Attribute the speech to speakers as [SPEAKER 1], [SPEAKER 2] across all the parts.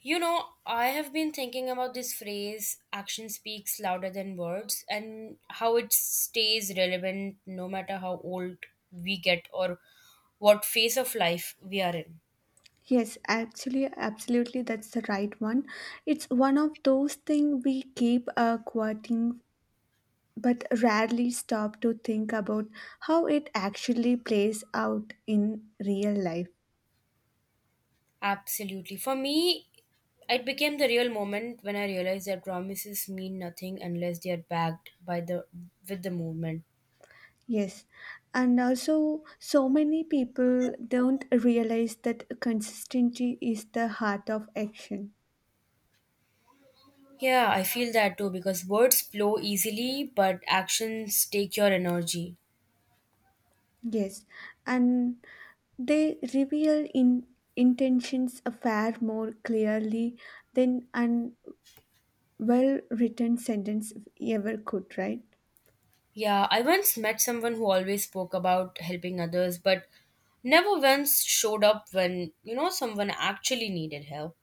[SPEAKER 1] You know, I have been thinking about this phrase, action speaks louder than words, and how it stays relevant no matter how old we get or what phase of life we are in.
[SPEAKER 2] Yes, actually, absolutely, that's the right one. It's one of those things we keep quoting but rarely stop to think about how it actually plays out in real life.
[SPEAKER 1] Absolutely. For me, it became the real moment when I realized that promises mean nothing unless they are backed by the with the movement.
[SPEAKER 2] Yes, and also, so many people don't realize that consistency is the heart of action.
[SPEAKER 1] Yeah, I feel that too because words flow easily, but actions take your energy.
[SPEAKER 2] Yes, and they reveal in intentions far more clearly than an well written sentence ever could, right?
[SPEAKER 1] Yeah, I once met someone who always spoke about helping others, but never once showed up when, you know, someone actually needed help.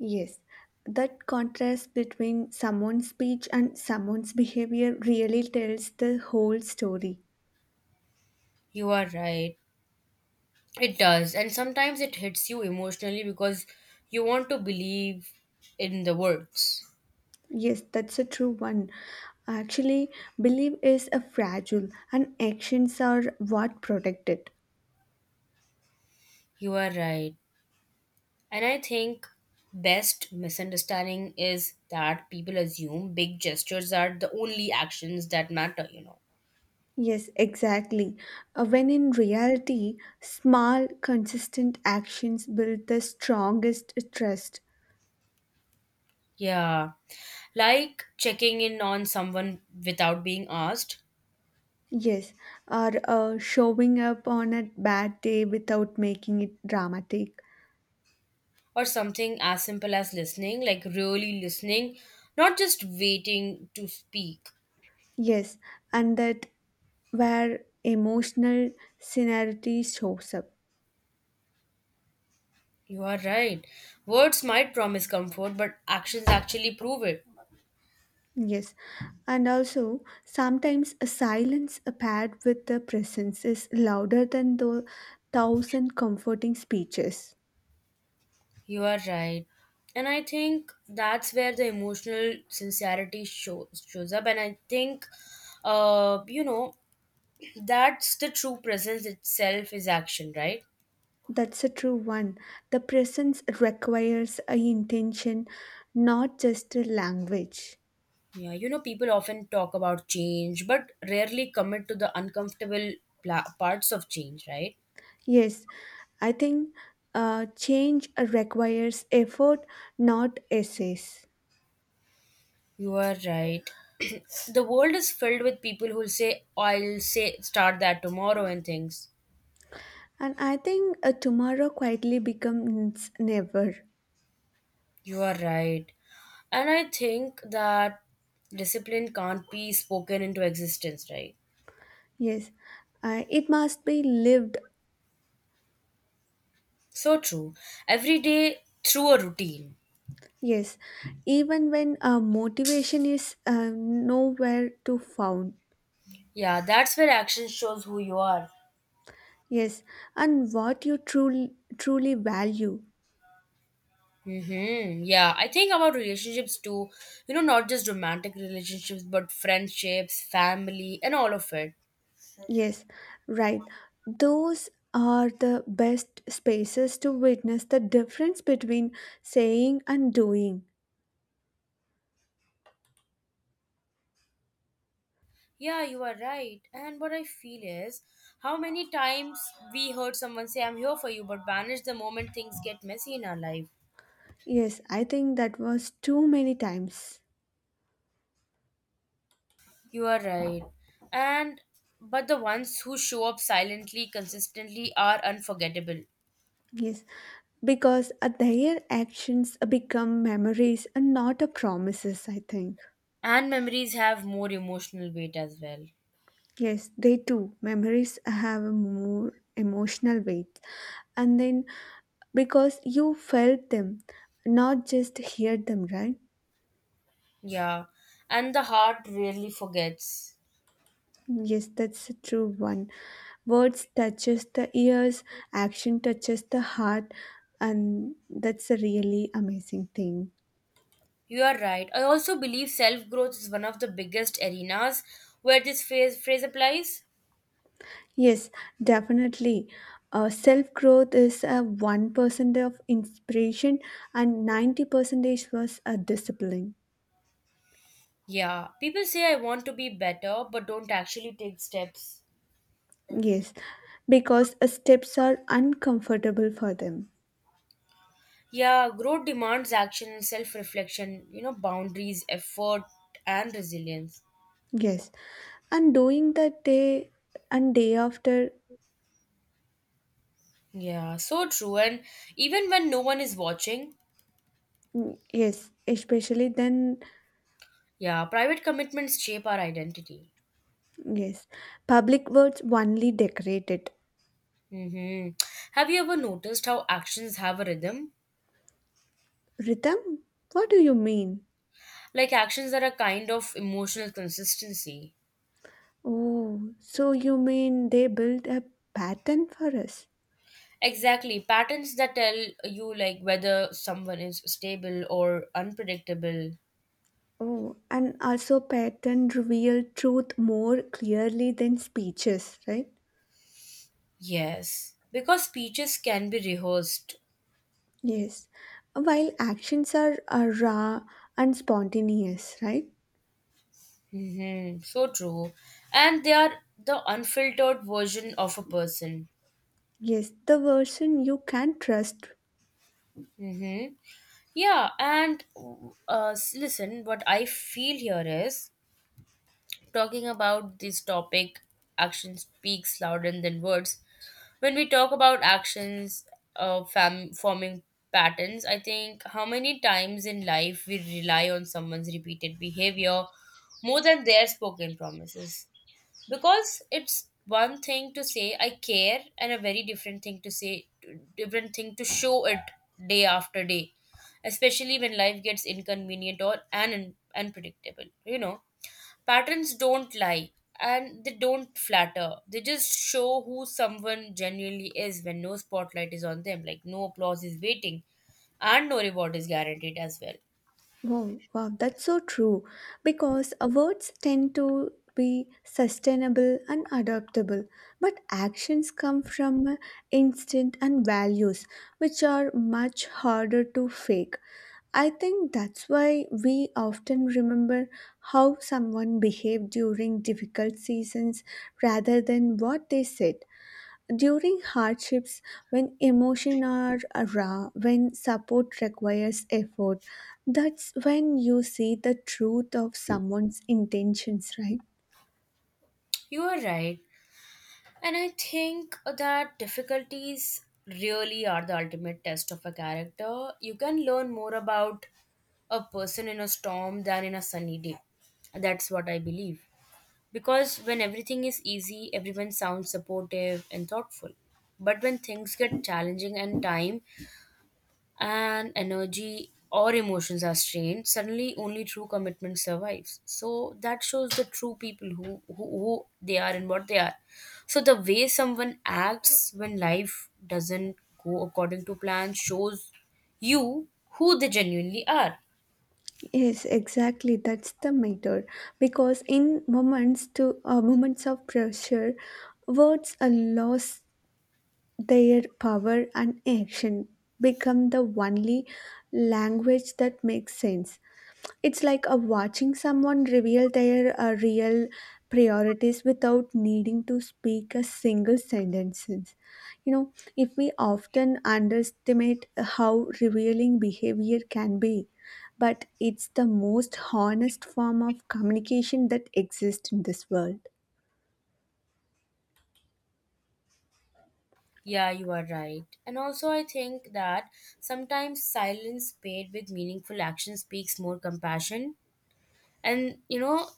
[SPEAKER 2] Yes, that contrast between someone's speech and someone's behavior really tells the whole story.
[SPEAKER 1] You are right. It does. And sometimes it hits you emotionally because you want to believe in the words.
[SPEAKER 2] Yes, that's a true one. Actually, belief is a fragile and actions are what protect it.
[SPEAKER 1] You are right. And I think best misunderstanding is that people assume big gestures are the only actions that matter.
[SPEAKER 2] Yes, exactly. When in reality, small, consistent actions build the strongest trust.
[SPEAKER 1] Yeah, like checking in on someone without being asked,
[SPEAKER 2] Yes, or showing up on a bad day without making it dramatic.
[SPEAKER 1] or something as simple as listening, like really listening, not just waiting to speak.
[SPEAKER 2] Yes, and that where emotional scenery shows up.
[SPEAKER 1] You are right. Words might promise comfort, but actions actually prove it.
[SPEAKER 2] Yes, and also sometimes a silence paired with the presence is louder than the thousand comforting speeches.
[SPEAKER 1] You are right. And I think that's where the emotional sincerity shows up. And I think uh you know that's the true presence itself is action, right?
[SPEAKER 2] That's a true one. The presence requires a intention, not just a language.
[SPEAKER 1] Yeah, you know, people often talk about change, but rarely commit to the uncomfortable parts of change, right?
[SPEAKER 2] Yes, I think change requires effort, not essays.
[SPEAKER 1] You are right. The world is filled with people who say, I'll say, start that tomorrow and things.
[SPEAKER 2] And I think tomorrow quietly becomes never.
[SPEAKER 1] You are right. And I think that discipline can't be spoken into existence, right?
[SPEAKER 2] Yes, it must be lived.
[SPEAKER 1] So true. Every day through a routine.
[SPEAKER 2] Yes, even when motivation is nowhere to found.
[SPEAKER 1] Yeah, that's where action shows who you are.
[SPEAKER 2] Yes, and what you truly value.
[SPEAKER 1] Mm-hmm. Yeah, I think about relationships too, you know, not just romantic relationships, but friendships, family, and all of it.
[SPEAKER 2] Yes, right. Those are the best spaces to witness the difference between saying and doing.
[SPEAKER 1] Yeah, you are right. And what I feel is how many times we heard someone say, I'm here for you, but vanish the moment things get messy in our life.
[SPEAKER 2] Yes, I think that was too many times.
[SPEAKER 1] You are right. And but the ones who show up silently, consistently are unforgettable.
[SPEAKER 2] Yes, because their actions become memories and not a promises, I think.
[SPEAKER 1] And memories have more emotional weight as well.
[SPEAKER 2] Yes, they do. Memories have a more emotional weight. And then because you felt them, not just heard them, right?
[SPEAKER 1] Yeah. And the heart rarely forgets.
[SPEAKER 2] Yes, that's a true one. Words touches the ears, action touches the heart, and that's a really amazing thing.
[SPEAKER 1] You are right. I also believe self growth is one of the biggest arenas where this phrase applies.
[SPEAKER 2] Yes, definitely. Self growth is a 1% of inspiration and 90 percentage was a discipline.
[SPEAKER 1] Yeah, people say I want to be better but don't actually take steps.
[SPEAKER 2] Yes, because steps are uncomfortable for them.
[SPEAKER 1] Yeah, growth demands action and self reflection, you know, boundaries, effort, and resilience.
[SPEAKER 2] Yes, and doing that day and day after.
[SPEAKER 1] Yeah, so true. And even when no one is watching,
[SPEAKER 2] Yes, especially then.
[SPEAKER 1] yeah, private commitments shape our identity.
[SPEAKER 2] Yes, public words only decorate it.
[SPEAKER 1] Mm-hmm. Have you ever noticed how actions have a rhythm?
[SPEAKER 2] Rhythm? What do you mean?
[SPEAKER 1] Like actions are a kind of emotional consistency.
[SPEAKER 2] Oh, so you mean they build a pattern for us?
[SPEAKER 1] Exactly. Patterns that tell you like whether someone is stable or unpredictable.
[SPEAKER 2] Oh, and also pattern reveal truth more clearly than speeches, right?
[SPEAKER 1] Yes. Because speeches can be rehearsed.
[SPEAKER 2] Yes, while actions are raw and spontaneous, right?
[SPEAKER 1] So true. And they are the unfiltered version of a person.
[SPEAKER 2] Yes, the version you can trust.
[SPEAKER 1] hmm Yeah. And listen, what I feel here is talking about this topic, action speaks louder than words. When we talk about actions forming patterns, I think how many times in life we rely on someone's repeated behavior more than their spoken promises. Because it's one thing to say I care and a very different thing to show it day after day, especially when life gets inconvenient or and unpredictable, you know. Patterns don't lie and they don't flatter. They just show who someone genuinely is when no spotlight is on them, like no applause is waiting and no reward is guaranteed as well.
[SPEAKER 2] Wow, wow, that's so true. Because words tend to be sustainable and adaptable, but actions come from instinct and values, which are much harder to fake. I think that's why we often remember how someone behaved during difficult seasons rather than what they said during hardships, when emotions are raw, when support requires effort. That's when you see the truth of someone's intentions, right?
[SPEAKER 1] You are right. And I think that difficulties really are the ultimate test of a character. You can learn more about a person in a storm than in a sunny day. That's what I believe. Because when everything is easy, everyone sounds supportive and thoughtful. But when things get challenging and time and energy or emotions are strained, suddenly only true commitment survives. So that shows the true people who they are and what they are. So the way someone acts when life doesn't go according to plan shows you who they genuinely are.
[SPEAKER 2] Yes, exactly. That's the matter. Because in moments of pressure, words are lost their power and action become the only language that makes sense. It's like a watching someone reveal their real priorities without needing to speak a single sentence. you know if we often underestimate how revealing behavior can be, but it's the most honest form of communication that exists in this world.
[SPEAKER 1] Yeah, you are right. And also, I think that sometimes silence paid with meaningful action speaks more compassion and, you know,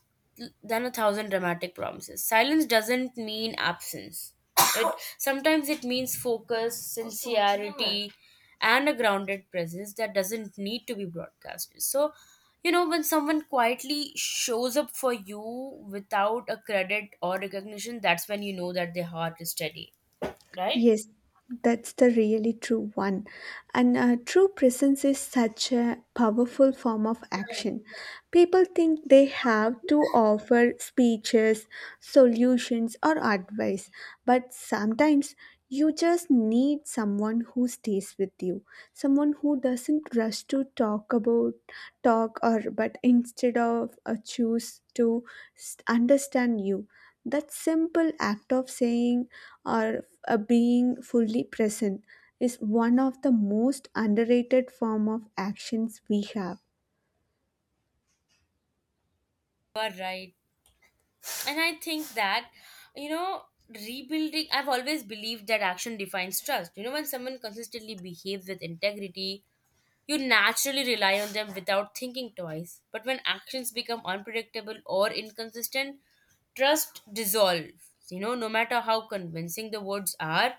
[SPEAKER 1] than a thousand dramatic promises. Silence doesn't mean absence. Sometimes it means focus, sincerity, and a grounded presence that doesn't need to be broadcasted. So, you know, when someone quietly shows up for you without a credit or recognition, that's when you know that their heart is steady, right?
[SPEAKER 2] Yes, that's the really true one. And true presence is such a powerful form of action. People think they have to offer speeches, solutions, or advice, but sometimes you just need someone who stays with you, someone who doesn't rush to talk about talk or but instead of choose to understand you. That simple act of saying or being fully present is one of the most underrated form of actions we have.
[SPEAKER 1] You are right. And I think that, you know, rebuilding, I've always believed that action defines trust. You know, when someone consistently behaves with integrity, you naturally rely on them without thinking twice. But when actions become unpredictable or inconsistent, trust dissolves, you know, no matter how convincing the words are.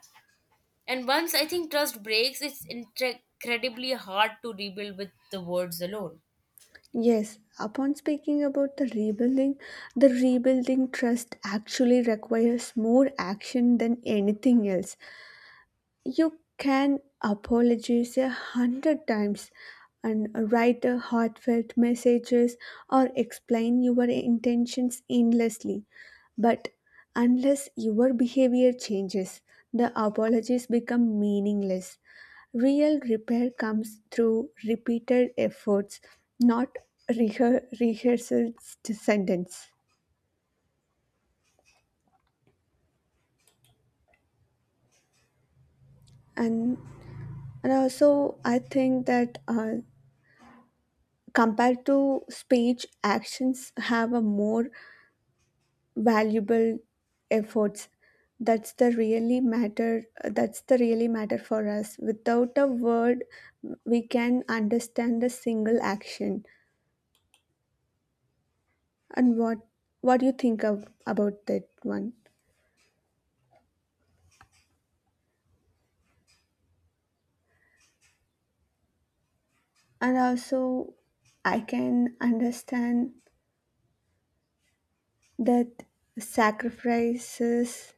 [SPEAKER 1] And once I think trust breaks, it's incredibly hard to rebuild with the words alone.
[SPEAKER 2] Yes, upon speaking about the rebuilding trust actually requires more action than anything else. You can apologize a hundred times and write a heartfelt messages or explain your intentions endlessly. But unless your behavior changes, the apologies become meaningless. Real repair comes through repeated efforts, not rehearsed sentences. And, and also, I think that compared to speech actions have a more valuable efforts. That's the really matter. That's the really matter for us. Without a word we can understand a single action. And what do you think of about that one? And also, I can understand that sacrifices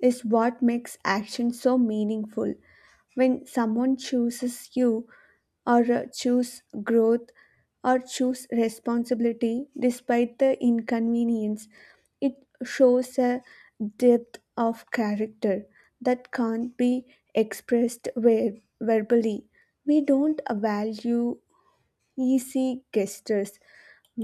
[SPEAKER 2] is what makes action so meaningful. When someone chooses you, or choose growth, or choose responsibility despite the inconvenience, it shows a depth of character that can't be expressed verbally. We don't value easy gestures.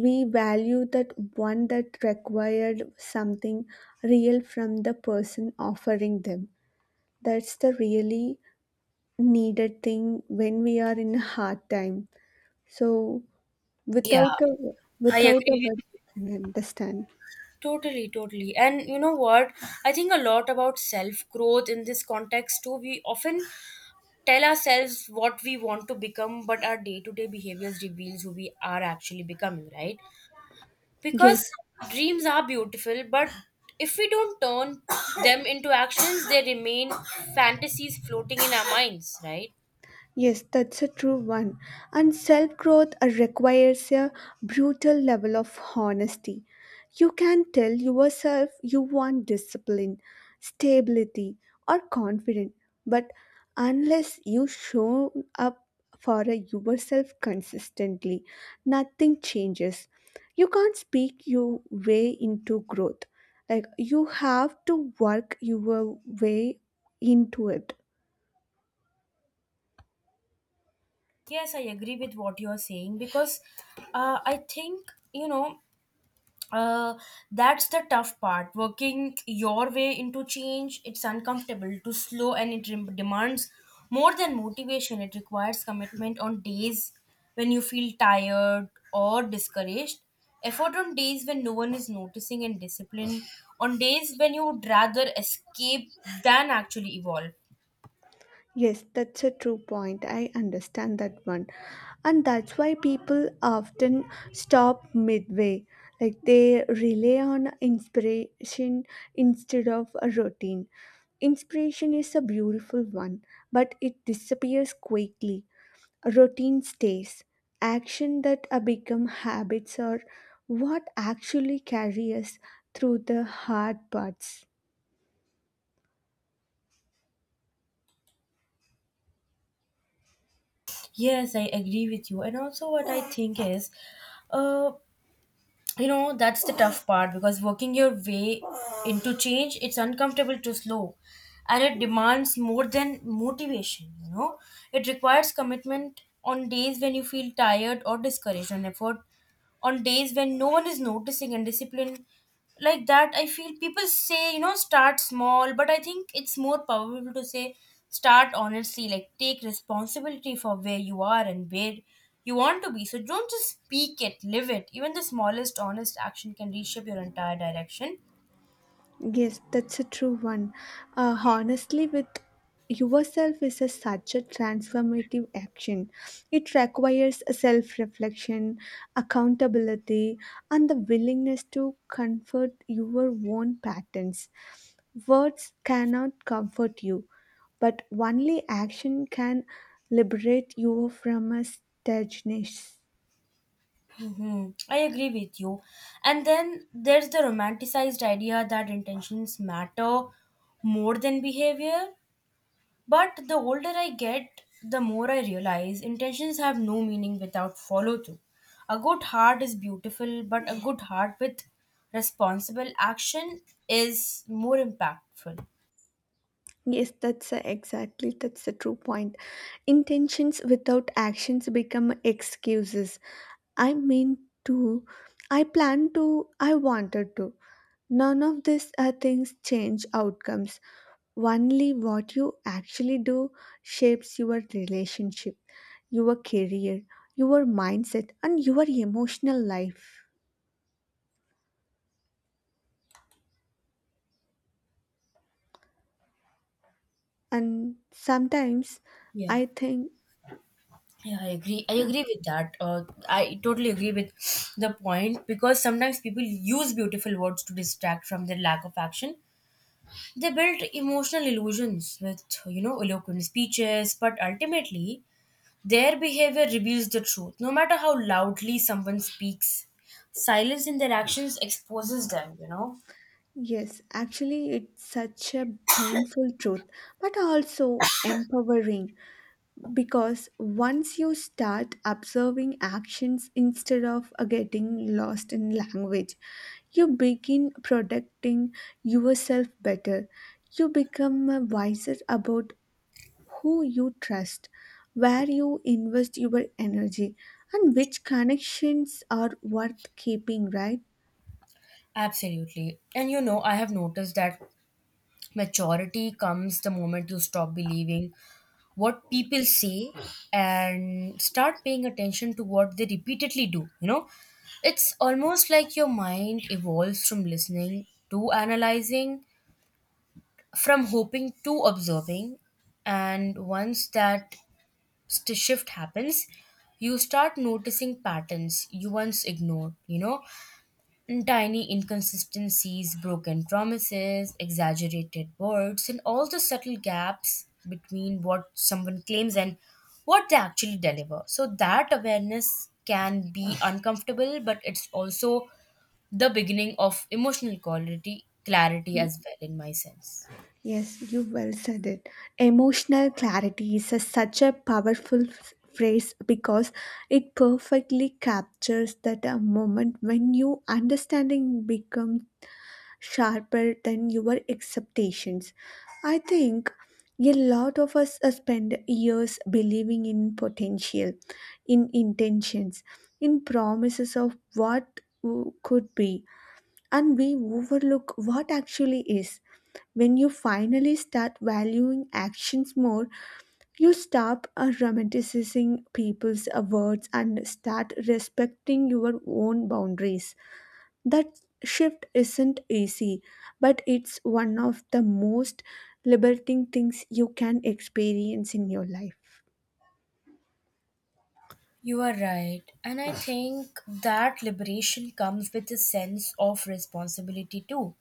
[SPEAKER 2] We value that one that required something real from the person offering them. That's the really needed thing when we are in a hard time. So
[SPEAKER 1] Yeah,
[SPEAKER 2] without a
[SPEAKER 1] I
[SPEAKER 2] without a
[SPEAKER 1] agree.
[SPEAKER 2] word, I understand.
[SPEAKER 1] Totally, totally. And you know what? I think a lot about self growth in this context too. We often tell ourselves what we want to become, but our day to day behaviors reveals who we are actually becoming, right? Because
[SPEAKER 2] Yes,
[SPEAKER 1] dreams are beautiful, but if we don't turn them into actions, they remain fantasies floating in our minds, right?
[SPEAKER 2] Yes, that's a true one. And self growth requires a brutal level of honesty. You can tell yourself you want discipline, stability, or confidence, but unless you show up for yourself consistently, nothing changes. You can't speak your way into growth. Like you have to work your way into it.
[SPEAKER 1] Yes, I agree with what you're saying because I think, you know, uh, that's the tough part. Working your way into change, it's uncomfortable, too slow, and it demands more than motivation. It requires commitment on days when you feel tired or discouraged, effort on days when no one is noticing, and discipline on days when you would rather escape than actually evolve.
[SPEAKER 2] Yes, that's a true point. I understand that one. And that's why people often stop midway. Like they rely on inspiration instead of a routine. Inspiration is a beautiful one, but it disappears quickly. Routine stays. Action that become habits are what actually carry us through the hard parts.
[SPEAKER 1] Yes, I agree with you. And also, what I think is, uh, you know, that's the tough part because working your way into change, it's uncomfortable to slow and it demands more than motivation, you know, it requires commitment on days when you feel tired or discouraged, on effort on days when no one is noticing, and discipline like that. I feel people say, you know, start small, but I think it's more powerful to say start honestly, like take responsibility for where you are and where you want to be. So don't just speak it, live it. Even the smallest honest action can reshape your entire direction.
[SPEAKER 2] Yes, that's a true one. Honestly, with yourself is a, such a transformative action. It requires a self-reflection, accountability, and the willingness to comfort your own patterns. Words cannot comfort you, but only action can liberate you from a stagnation.
[SPEAKER 1] I agree with you. And then there's the romanticized idea that intentions matter more than behavior. But the older I get, the more I realize intentions have no meaning without follow through. A good heart is beautiful, but a good heart with responsible action is more impactful.
[SPEAKER 2] Yes, that's exactly that's the true point. Intentions without actions become excuses. I mean to, I plan to, I wanted to. None of these things change outcomes. Only what you actually do shapes your relationship, your career, your mindset, and your emotional life. And sometimes
[SPEAKER 1] Yeah.
[SPEAKER 2] I think.
[SPEAKER 1] Yeah, I agree. I agree with that. I totally agree with the point because sometimes people use beautiful words to distract from their lack of action. They build emotional illusions with, you know, eloquent speeches, but ultimately, their behavior reveals the truth, no matter how loudly someone speaks. Silence in their actions exposes them, you know?
[SPEAKER 2] Yes, actually, it's such a painful truth, but also empowering because once you start observing actions instead of getting lost in language, you begin protecting yourself better. You become wiser about who you trust, where you invest your energy, and which connections are worth keeping, right?
[SPEAKER 1] Absolutely. And you know, I have noticed that maturity comes the moment you stop believing what people say and start paying attention to what they repeatedly do. You know, it's almost like your mind evolves from listening to analyzing, from hoping to observing. And once that shift happens, you start noticing patterns you once ignored, you know, and tiny inconsistencies, broken promises, exaggerated words, and all the subtle gaps between what someone claims and what they actually deliver. So that awareness can be uncomfortable, but it's also the beginning of emotional quality clarity as well in my sense.
[SPEAKER 2] Yes, you well said it. Emotional clarity is a, such a powerful phrase because it perfectly captures that a moment when your understanding becomes sharper than your expectations. I think a lot of us spend years believing in potential, in intentions, in promises of what could be, and we overlook what actually is. When you finally start valuing actions more, you stop romanticizing people's words and start respecting your own boundaries. That shift isn't easy, but it's one of the most liberating things you can experience in your life.
[SPEAKER 1] You are right. And I think that liberation comes with a sense of responsibility too.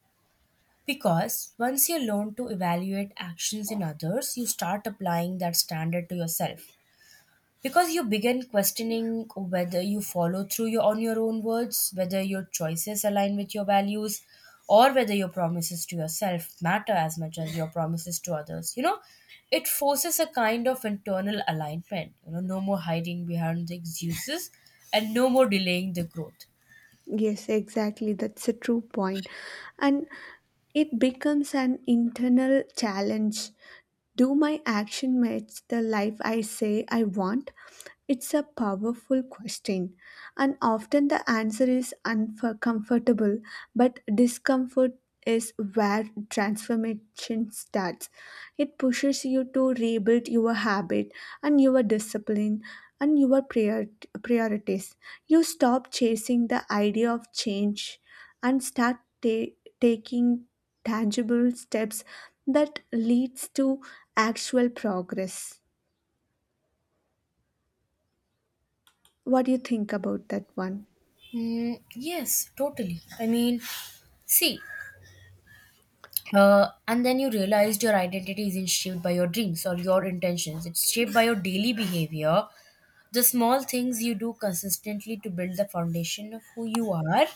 [SPEAKER 1] Because once you learn to evaluate actions in others, you start applying that standard to yourself. Because you begin questioning whether you follow through on your own words, whether your choices align with your values, or whether your promises to yourself matter as much as your promises to others. You know, it forces a kind of internal alignment. You know, no more hiding behind the excuses and no more delaying the growth.
[SPEAKER 2] Yes, exactly. That's a true point. And it becomes an internal challenge. Do my action match the life I say I want? It's a powerful question, and often the answer is uncomfortable, but discomfort is where transformation starts. It pushes you to rebuild your habit and your discipline and your priorities. You stop chasing the idea of change and start taking tangible steps that leads to actual progress. What do you think about that one?
[SPEAKER 1] Mm, yes, totally. I mean, see, and then you realized your identity isn't shaped by your dreams or your intentions. It's shaped by your daily behavior, the small things you do consistently to build the foundation of who you are,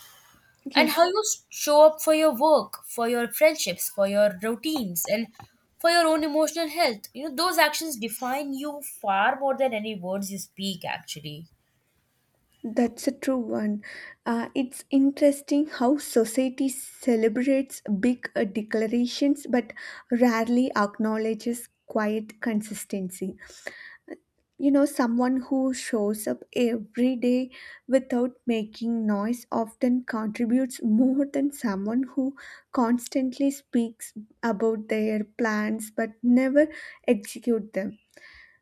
[SPEAKER 1] and how
[SPEAKER 2] Yes,
[SPEAKER 1] you show up for your work, for your friendships, for your routines, and for your own emotional health. You know, those actions define you far more than any words you speak actually.
[SPEAKER 2] that's a true one. It's interesting how society celebrates big declarations but rarely acknowledges quiet consistency. You know, someone who shows up every day without making noise often contributes more than someone who constantly speaks about their plans but never execute them.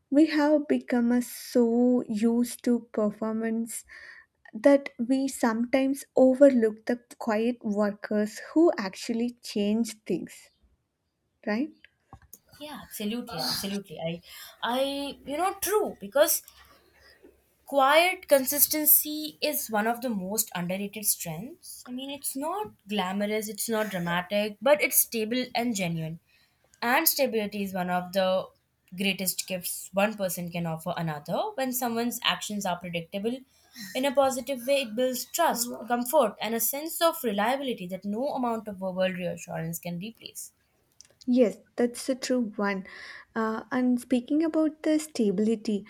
[SPEAKER 2] We have become so used to performance that we sometimes overlook the quiet workers who actually change things, right?
[SPEAKER 1] Yeah, absolutely, absolutely. I you know, true, because quiet consistency is one of the most underrated strengths. I mean, it's not glamorous, it's not dramatic, but it's stable and genuine. And stability is one of the greatest gifts one person can offer another. When someone's actions are predictable in a positive way, it builds trust, comfort, and a sense of reliability that no amount of verbal reassurance can replace.
[SPEAKER 2] Yes, that's a true one. And speaking about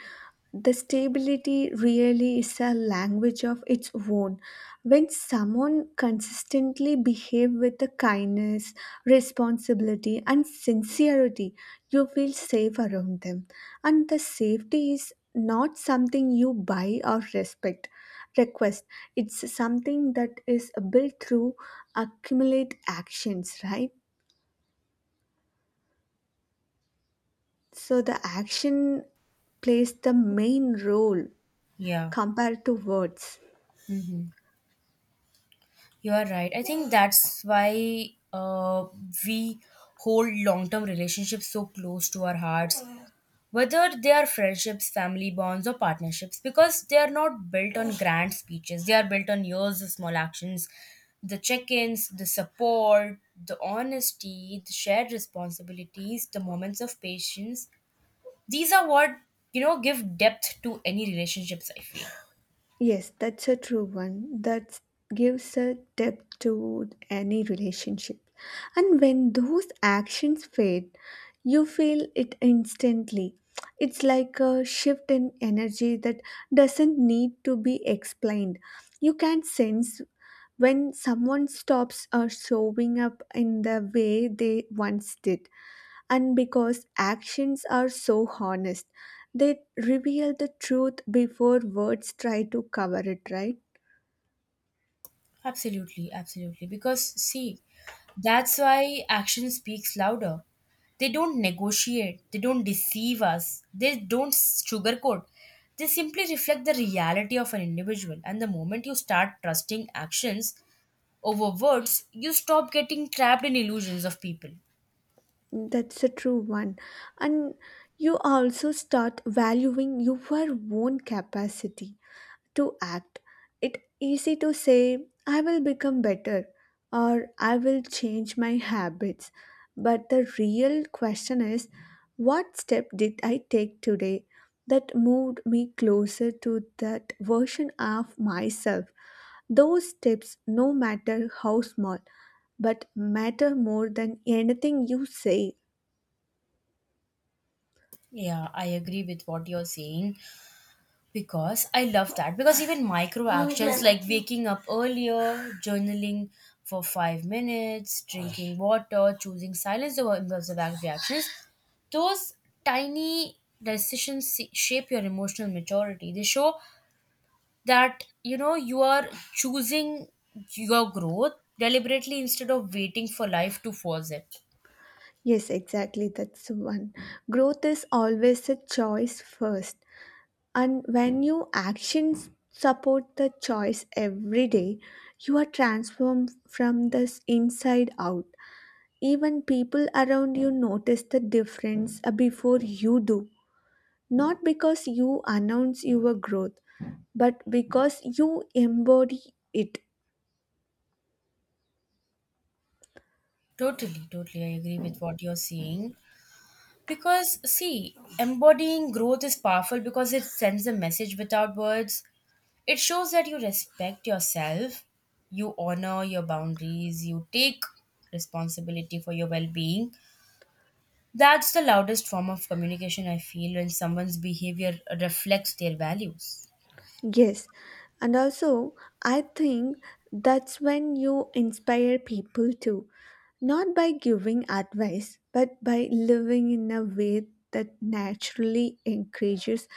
[SPEAKER 2] the stability really is a language of its own. When someone consistently behave with the kindness, responsibility, and sincerity, you feel safe around them. And the safety is not something you buy or respect request. It's something that is built through accumulate actions, right? So the action plays the main role
[SPEAKER 1] Yeah.
[SPEAKER 2] compared to words.
[SPEAKER 1] hmm You are right. I think that's why we hold long term relationships so close to our hearts, whether they are friendships, family bonds, or partnerships, because they are not built on grand speeches. They are built on years of small actions, the check ins, the support, the honesty, the shared responsibilities, the moments of patience. These are what, you know, give depth to any relationships, I feel.
[SPEAKER 2] Yes, that's a true one. That gives a depth to any relationship. And when those actions fade, you feel it instantly. It's like a shift in energy that doesn't need to be explained. You can sense when someone stops showing up in the way they once did. And because actions are so honest, they reveal the truth before words try to cover it, right?
[SPEAKER 1] Absolutely, absolutely. Because, see, that's why action speaks louder. They don't negotiate, they don't deceive us, they don't sugarcoat. They simply reflect the reality of an individual. And the moment you start trusting actions over words, you stop getting trapped in illusions of people.
[SPEAKER 2] That's a true one. And you also start valuing your own capacity to act. It easy to say I will become better or I will change my habits. But the real question is, what step did I take today that moved me closer to that version of myself? Those steps, no matter how small, but matter more than anything you say.
[SPEAKER 1] Yeah, I agree with what you're saying. Because I love that. Because even micro actions like waking up earlier, journaling for 5 minutes, drinking water, choosing silence over impulsive reactions, those tiny decisions shape your emotional maturity. They show that you know you are choosing your growth deliberately instead of waiting for life to force it.
[SPEAKER 2] Yes, exactly. That's one. Growth is always a choice first. And when your actions support the choice every day, you are transformed from the inside out. Even people around you notice the difference before you do. Not because you announce your growth, but because you embody it.
[SPEAKER 1] Totally, totally. I agree with what you're saying. Because, see, embodying growth is powerful because it sends a message without words. It shows that you respect yourself, you honor your boundaries, you take responsibility for your well being. That's the loudest form of communication I feel when someone's behavior reflects their values.
[SPEAKER 2] Yes, and also I think that's when you inspire people too, not by giving advice, but by living in a way that naturally encourages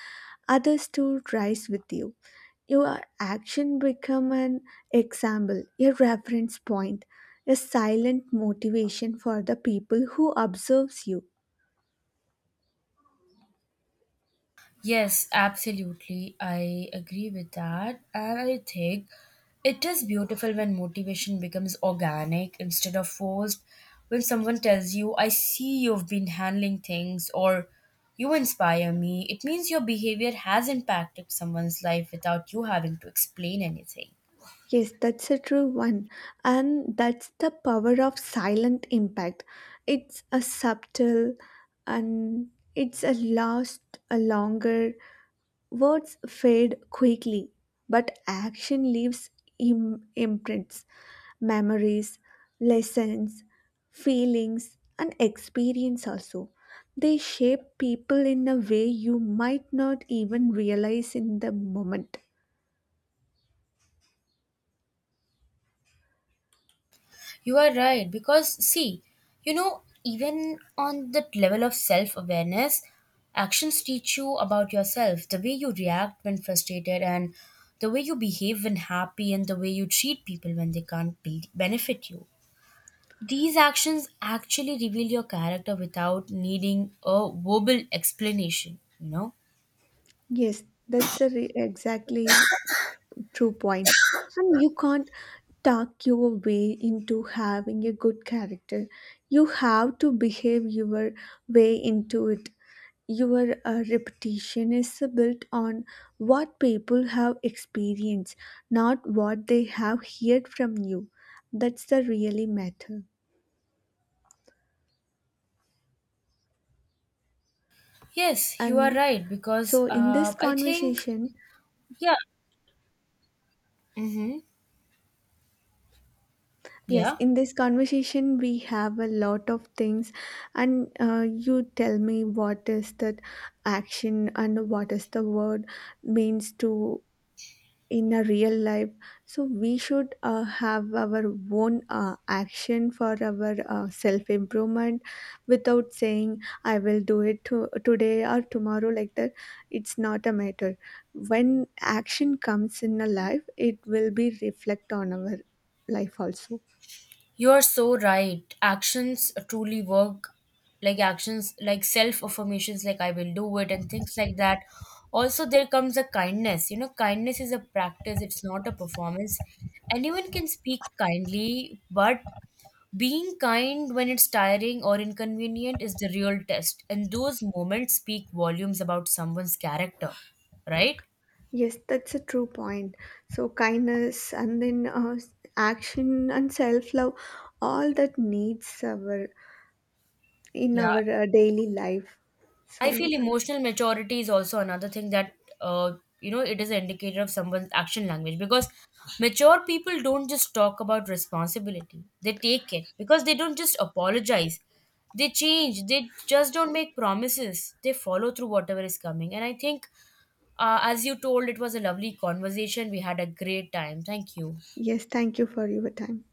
[SPEAKER 2] others to rise with you. Your action become an example, a reference point, a silent motivation for the people who observes you.
[SPEAKER 1] Yes, absolutely. I agree with that. And I think it is beautiful when motivation becomes organic instead of forced. When someone tells you, I see you've been handling things, or you inspire me, it means your behavior has impacted someone's life without you having to explain anything.
[SPEAKER 2] Yes, that's a true one. And that's the power of silent impact. It's a subtle and it's a last a longer. Words fade quickly, but action leaves imprints, memories, lessons, feelings, and experience also. They shape people in a way you might not even realize in the moment.
[SPEAKER 1] You are right because, see, you know, even on the level of self awareness, actions teach you about yourself, the way you react when frustrated, and the way you behave when happy, and the way you treat people when they can't benefit you. These actions actually reveal your character without needing a verbal explanation, you know?
[SPEAKER 2] Yes, that's exactly. True point. And you can't talk your way into having a good character. You have to behave your way into it. Your reputation is built on what people have experienced, not what they have heard from you. That's the really matter.
[SPEAKER 1] Yes, you are
[SPEAKER 2] And
[SPEAKER 1] right because
[SPEAKER 2] so, in this
[SPEAKER 1] I think,
[SPEAKER 2] conversation,
[SPEAKER 1] yeah, mm-hmm,
[SPEAKER 2] yes,
[SPEAKER 1] yeah.
[SPEAKER 2] in this conversation, we have a lot of things, and you tell me what is that action and what is the word means to in a real life. So we should have our own action for our self improvement, without saying I will do it today or tomorrow like that. It's not a matter. When action comes in a life, it will be reflect on our life also.
[SPEAKER 1] You're so right. Actions truly work, like actions, like self affirmations, like I will do it, and things like that. Also, there comes a kindness. You know, kindness is a practice, it's not a performance. Anyone can speak kindly, but being kind when it's tiring or inconvenient is the real test. And those moments speak volumes about someone's character, right?
[SPEAKER 2] Yes, that's a true point. So, kindness and then action and self love, all that needs our in
[SPEAKER 1] Yeah,
[SPEAKER 2] our daily life.
[SPEAKER 1] I feel
[SPEAKER 2] So,
[SPEAKER 1] emotional maturity is also another thing that uh, you know, it is an indicator of someone's action language because mature people don't just talk about responsibility, they take it, because they don't just apologize, they change, they just don't make promises, they follow through whatever is coming. And I think, as you told, it was a lovely conversation, we had a great time, thank you.
[SPEAKER 2] yes, thank you for your time.